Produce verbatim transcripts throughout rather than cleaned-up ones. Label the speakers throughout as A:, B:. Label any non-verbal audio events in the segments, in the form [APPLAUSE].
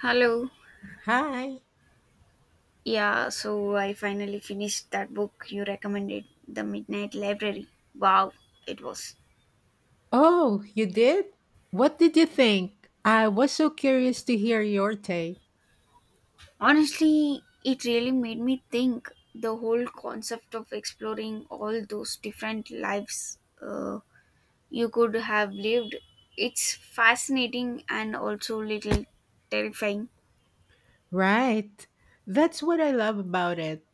A: Hello.
B: Hi.
A: Yeah, so I finally finished that book you recommended, The Midnight Library. Wow, it was.
B: Oh, you did? What did you think? I was so curious to hear your take.
A: Honestly, it really made me think the whole concept of exploring all those different lives uh, you could have lived. It's fascinating and also little terrifying.
B: Right. That's what I love about it.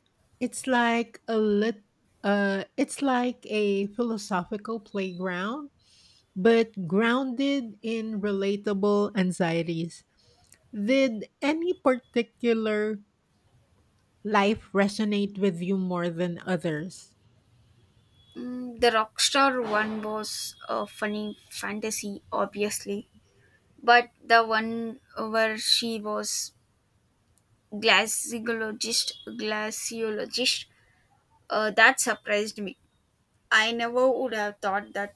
B: It's like a lit uh it's like a philosophical playground, but grounded in relatable anxieties. Did any particular life resonate with you more than others?
A: Mm, the Rockstar one was a funny fantasy, obviously, but the one where she was glaciologist glaciologist uh, that surprised me. I never would have thought that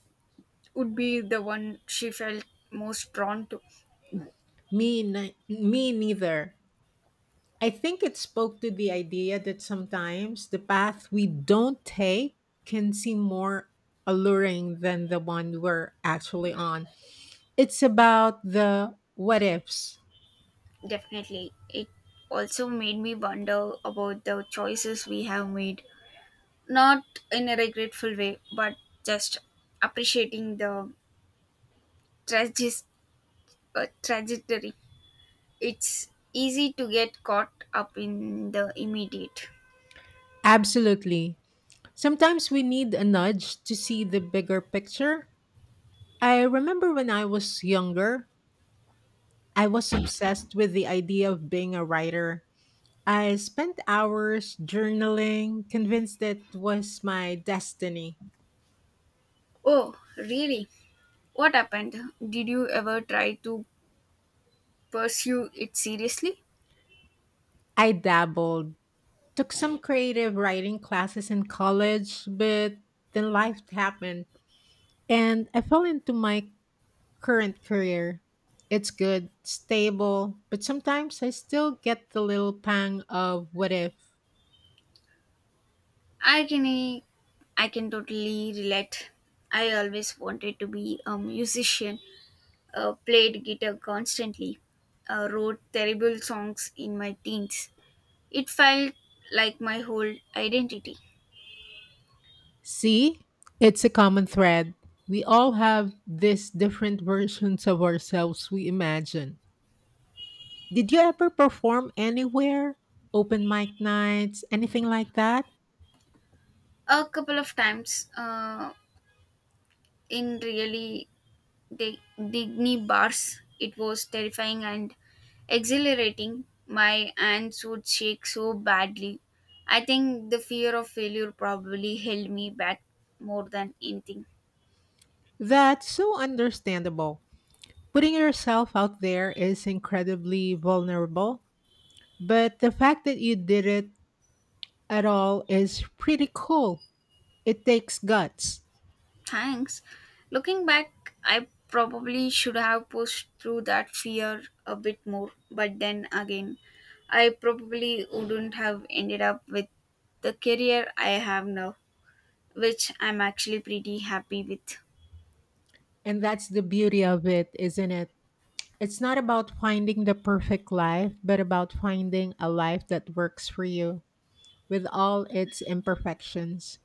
A: would be the one she felt most drawn to.
B: Me, ni- me neither. I think it spoke to the idea that sometimes the path we don't take can seem more alluring than the one we're actually on. It's about the what ifs.
A: Definitely. It also made me wonder about the choices we have made, not in a regretful way, but just appreciating the tragis- uh, trajectory. It's easy to get caught up in the immediate.
B: Absolutely. Sometimes we need a nudge to see the bigger picture. I remember when I was younger, I was obsessed with the idea of being a writer. I spent hours journaling, convinced that was my destiny.
A: Oh, really. What happened? Did you ever try to pursue it seriously?
B: I dabbled. Took some creative writing classes in college, but then life happened and I fell into my current career. It's good, stable, but sometimes I still get the little pang of what if.
A: I can I can totally relate. I always wanted to be a musician, uh, played guitar constantly, uh, wrote terrible songs in my teens. It felt like my whole identity.
B: See, it's a common thread. We all have these different versions of ourselves we imagine. Did you ever perform anywhere? Open mic nights, anything like that?
A: A couple of times, uh, in really Dig- Digny bars. It was terrifying and exhilarating. My hands would shake so badly. I think the fear of failure probably held me back more than anything.
B: That's so understandable. Putting yourself out there is incredibly vulnerable, but the fact that you did it at all is pretty cool. It takes guts,
A: Thanks. Looking back, I probably should have pushed through that fear a bit more, but then again, I probably wouldn't have ended up with the career I have now, which I'm actually pretty happy with.
B: and that's the beauty of it, isn't it? It's not about finding the perfect life, but about finding a life that works for you with all its imperfections.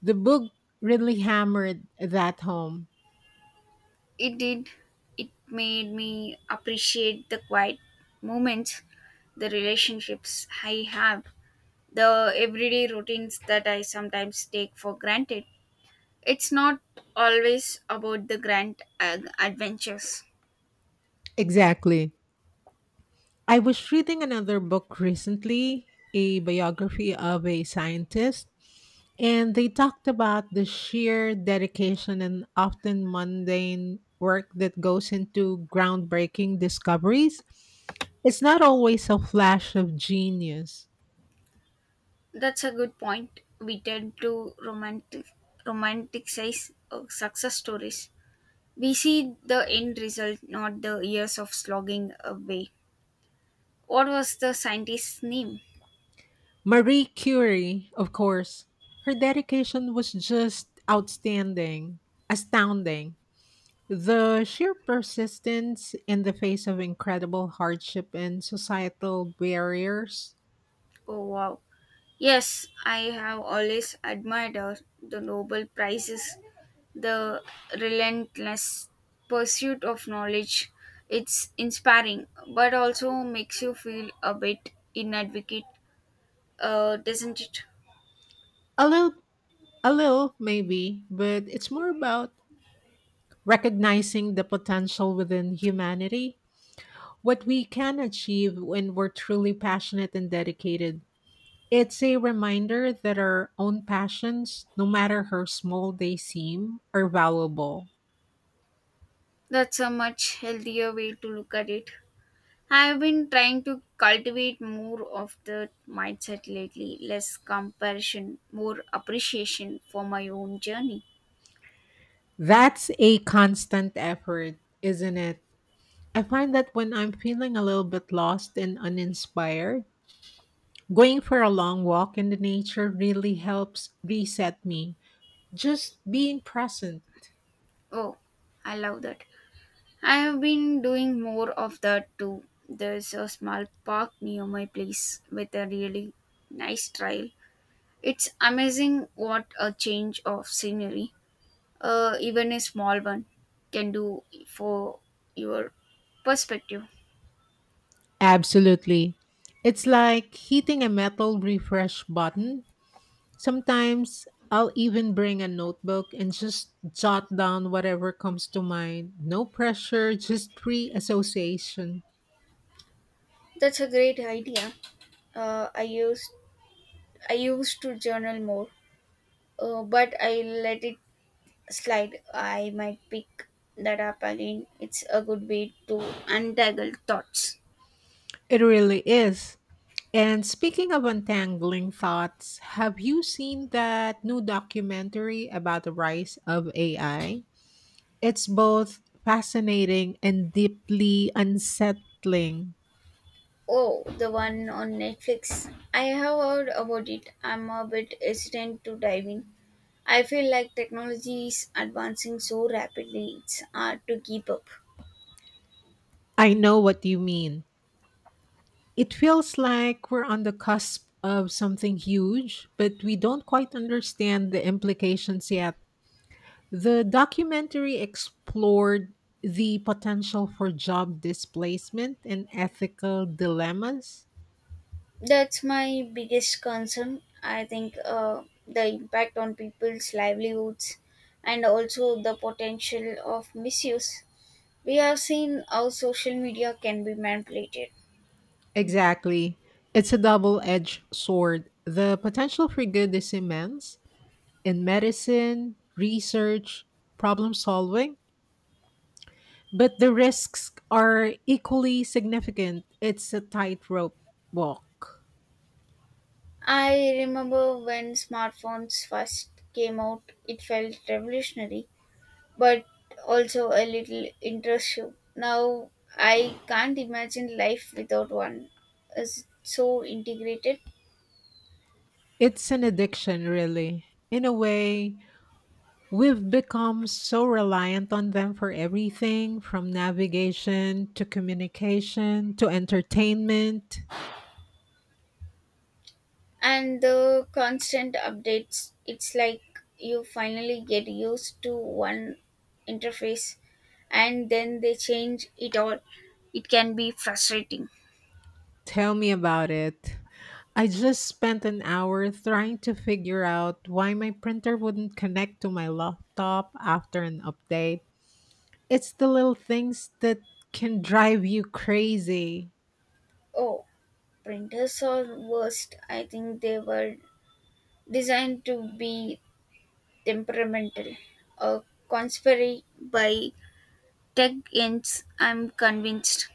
B: The book really hammered that home.
A: It did. It made me appreciate the quiet moments, the relationships I have, the everyday routines that I sometimes take for granted. It's not always about the grand uh, adventures.
B: Exactly. I was reading another book recently, a biography of a scientist, and they talked about the sheer dedication and often mundane work that goes into groundbreaking discoveries. It's not always a flash of genius.
A: That's a good point. We tend to romantic romanticize uh, success stories. We see the end result, not the years of slogging away. What was the scientist's name?
B: Marie Curie, of course, her dedication was just outstanding, astounding. The sheer persistence in the face of incredible hardship and societal barriers.
A: Oh, wow. Yes, I have always admired, uh, the Nobel Prizes, the relentless pursuit of knowledge. It's inspiring, but also makes you feel a bit inadequate, uh, doesn't it?
B: A little, a little maybe, but it's more about recognizing the potential within humanity, what we can achieve when we're truly passionate and dedicated. It's a reminder that our own passions, no matter how small they seem, are valuable.
A: That's a much healthier way to look at it. I've been trying to cultivate more of the mindset lately, less comparison, more appreciation for my own journey.
B: That's a constant effort, isn't it? I find that when I'm feeling a little bit lost and uninspired, going for a long walk in the nature really helps reset me. Just being present.
A: Oh, I love that. I have been doing more of that too. There's a small park near my place with a really nice trail. It's amazing what a change of scenery, uh, even a small one, can do for your perspective.
B: Absolutely. It's like hitting a metal refresh button. Sometimes I'll even bring a notebook and just jot down whatever comes to mind. No pressure, just free association.
A: That's a great idea. Uh, I used I used to journal more, uh, but I let it slide. I might pick that up again. It's a good way to untangle thoughts.
B: It really is. And speaking of untangling thoughts, have you seen that new documentary about the rise of A I? It's both fascinating and deeply unsettling.
A: Oh, the one on Netflix. I have heard about it. I'm a bit hesitant to dive in. I feel like technology is advancing so rapidly, it's hard to keep up.
B: I know what you mean. It feels like we're on the cusp of something huge, but we don't quite understand the implications yet. The documentary explored the potential for job displacement and ethical dilemmas.
A: That's my biggest concern. I think uh, the impact on people's livelihoods and also the potential of misuse. We have seen how social media can be manipulated.
B: Exactly. It's a double edged sword. The potential for good is immense in medicine, research, problem solving, but the risks are equally significant. It's a tightrope walk.
A: I remember when smartphones first came out, it felt revolutionary but also a little intrusive. Now I can't imagine life without one. It's so integrated,
B: It's an addiction, really. In a way, we've become so reliant on them for everything from navigation to communication to entertainment.
A: and the constant updates. It's like you finally get used to one interface, and then they change it all. It can be frustrating.
B: Tell me about it. I just spent an hour trying to figure out why my printer wouldn't connect to my laptop after an update. It's the little things that can drive you crazy.
A: Oh, printers are worst. I think they were designed to be temperamental, a conspiracy by Tech ends, I'm convinced.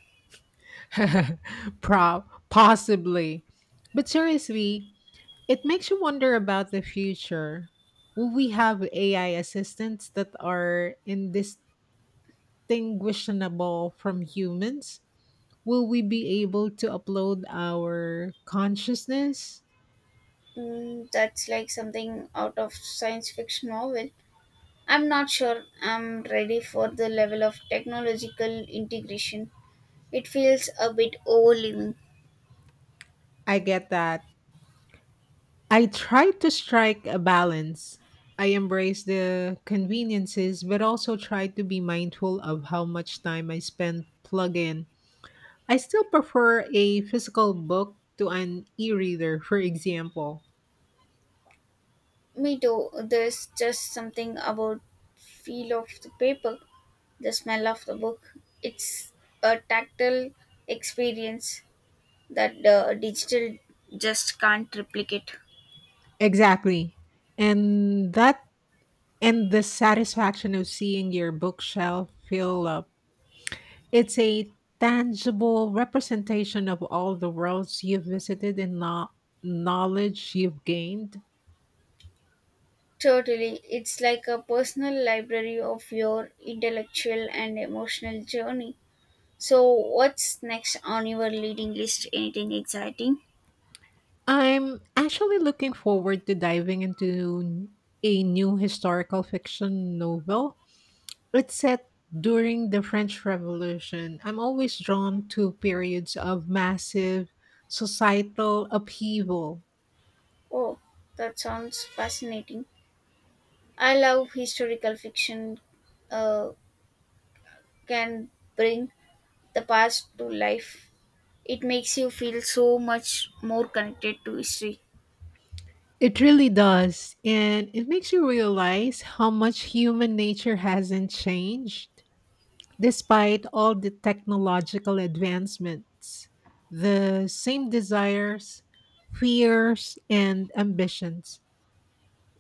B: [LAUGHS] Prob Possibly. But seriously, it makes you wonder about the future. Will we have A I assistants that are indistinguishable from humans? Will we be able to upload our consciousness?
A: Mm, that's like something out of science fiction novel. I'm not sure I'm ready for the level of technological integration. It feels a bit overwhelming.
B: I get that. I try to strike a balance. I embrace the conveniences, but also try to be mindful of how much time I spend plugging. I still prefer a physical book to an e reader, for example.
A: Me too. There's just something about feel of the paper, the smell of the book. It's a tactile experience that the digital just can't replicate.
B: Exactly. And that and the satisfaction of seeing your bookshelf fill up, it's a tangible representation of all the worlds you've visited and no- knowledge you've gained.
A: Totally. It's like a personal library of your intellectual and emotional journey. So, what's next on your reading list? Anything exciting?
B: I'm actually looking forward to diving into a new historical fiction novel. It's set during the French Revolution. I'm always drawn to periods of massive societal upheaval.
A: Oh, that sounds fascinating. I love historical fiction, uh, can bring the past to life. It makes you feel so much more connected to history.
B: It really does. And it makes you realize how much human nature hasn't changed. Despite all the technological advancements, the same desires, fears, and ambitions.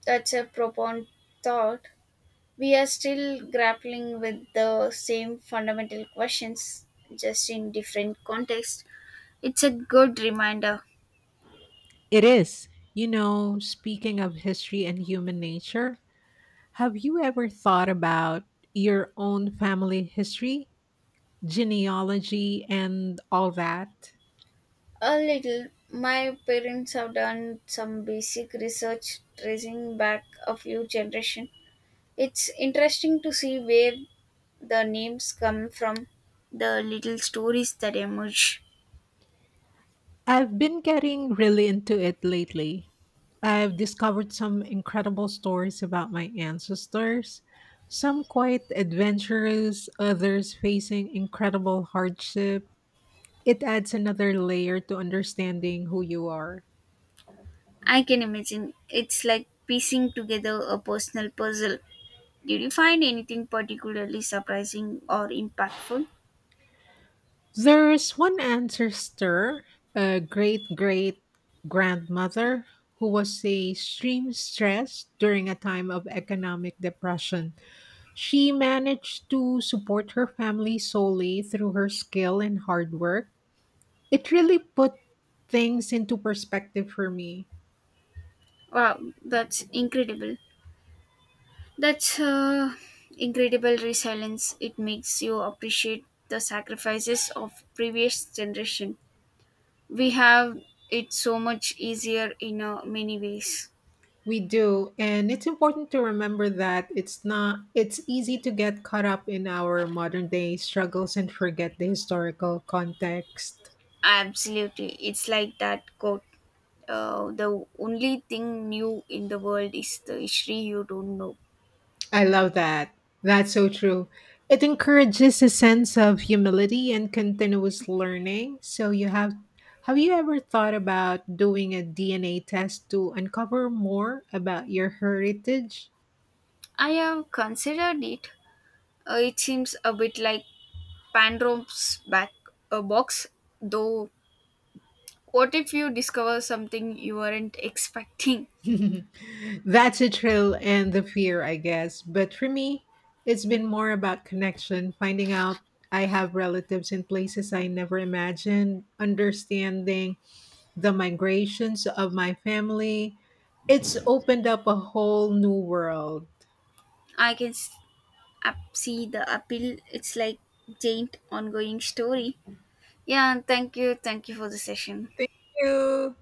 A: That's a profound thought. We are still grappling with the same fundamental questions, just in different contexts. It's a good reminder.
B: It is, you know, speaking of history and human nature, have you ever thought about your own family history, genealogy, and all that?
A: A little. My parents have done some basic research tracing back a few generations. It's interesting to see where the names come from, the little stories that emerge.
B: I've been getting really into it lately. I've discovered some incredible stories about my ancestors, some quite adventurous, others facing incredible hardship. It adds another layer to understanding who you are.
A: I can imagine it's like piecing together a personal puzzle. Did you find anything particularly surprising or impactful?
B: There's one ancestor, a great great grandmother, who was a extreme stress during a time of economic depression. She managed to support her family solely through her skill and hard work. It really put things into perspective for me.
A: Wow, that's incredible. That's uh, incredible resilience. It makes you appreciate the sacrifices of previous generation. We have it so much easier in uh, many ways.
B: We do, and it's important to remember that it's not it's easy to get caught up in our modern day struggles and forget the historical context.
A: Absolutely, it's like that quote. Uh, the only thing new in the world is the history you don't know.
B: I love that. That's so true. It encourages a sense of humility and continuous learning. So you have have you ever thought about doing a D N A test to uncover more about your heritage?
A: I have considered it. Uh, it seems a bit like Pandrom's back a box, though. What if you discover something you weren't expecting?
B: [LAUGHS] That's a thrill and the fear, I guess. But for me, it's been more about connection, finding out I have relatives in places I never imagined, understanding the migrations of my family. It's opened up a whole new world.
A: I can s- up see the appeal. It's like giant ongoing story. Yeah, thank you. Thank you for the session.
B: Thank you.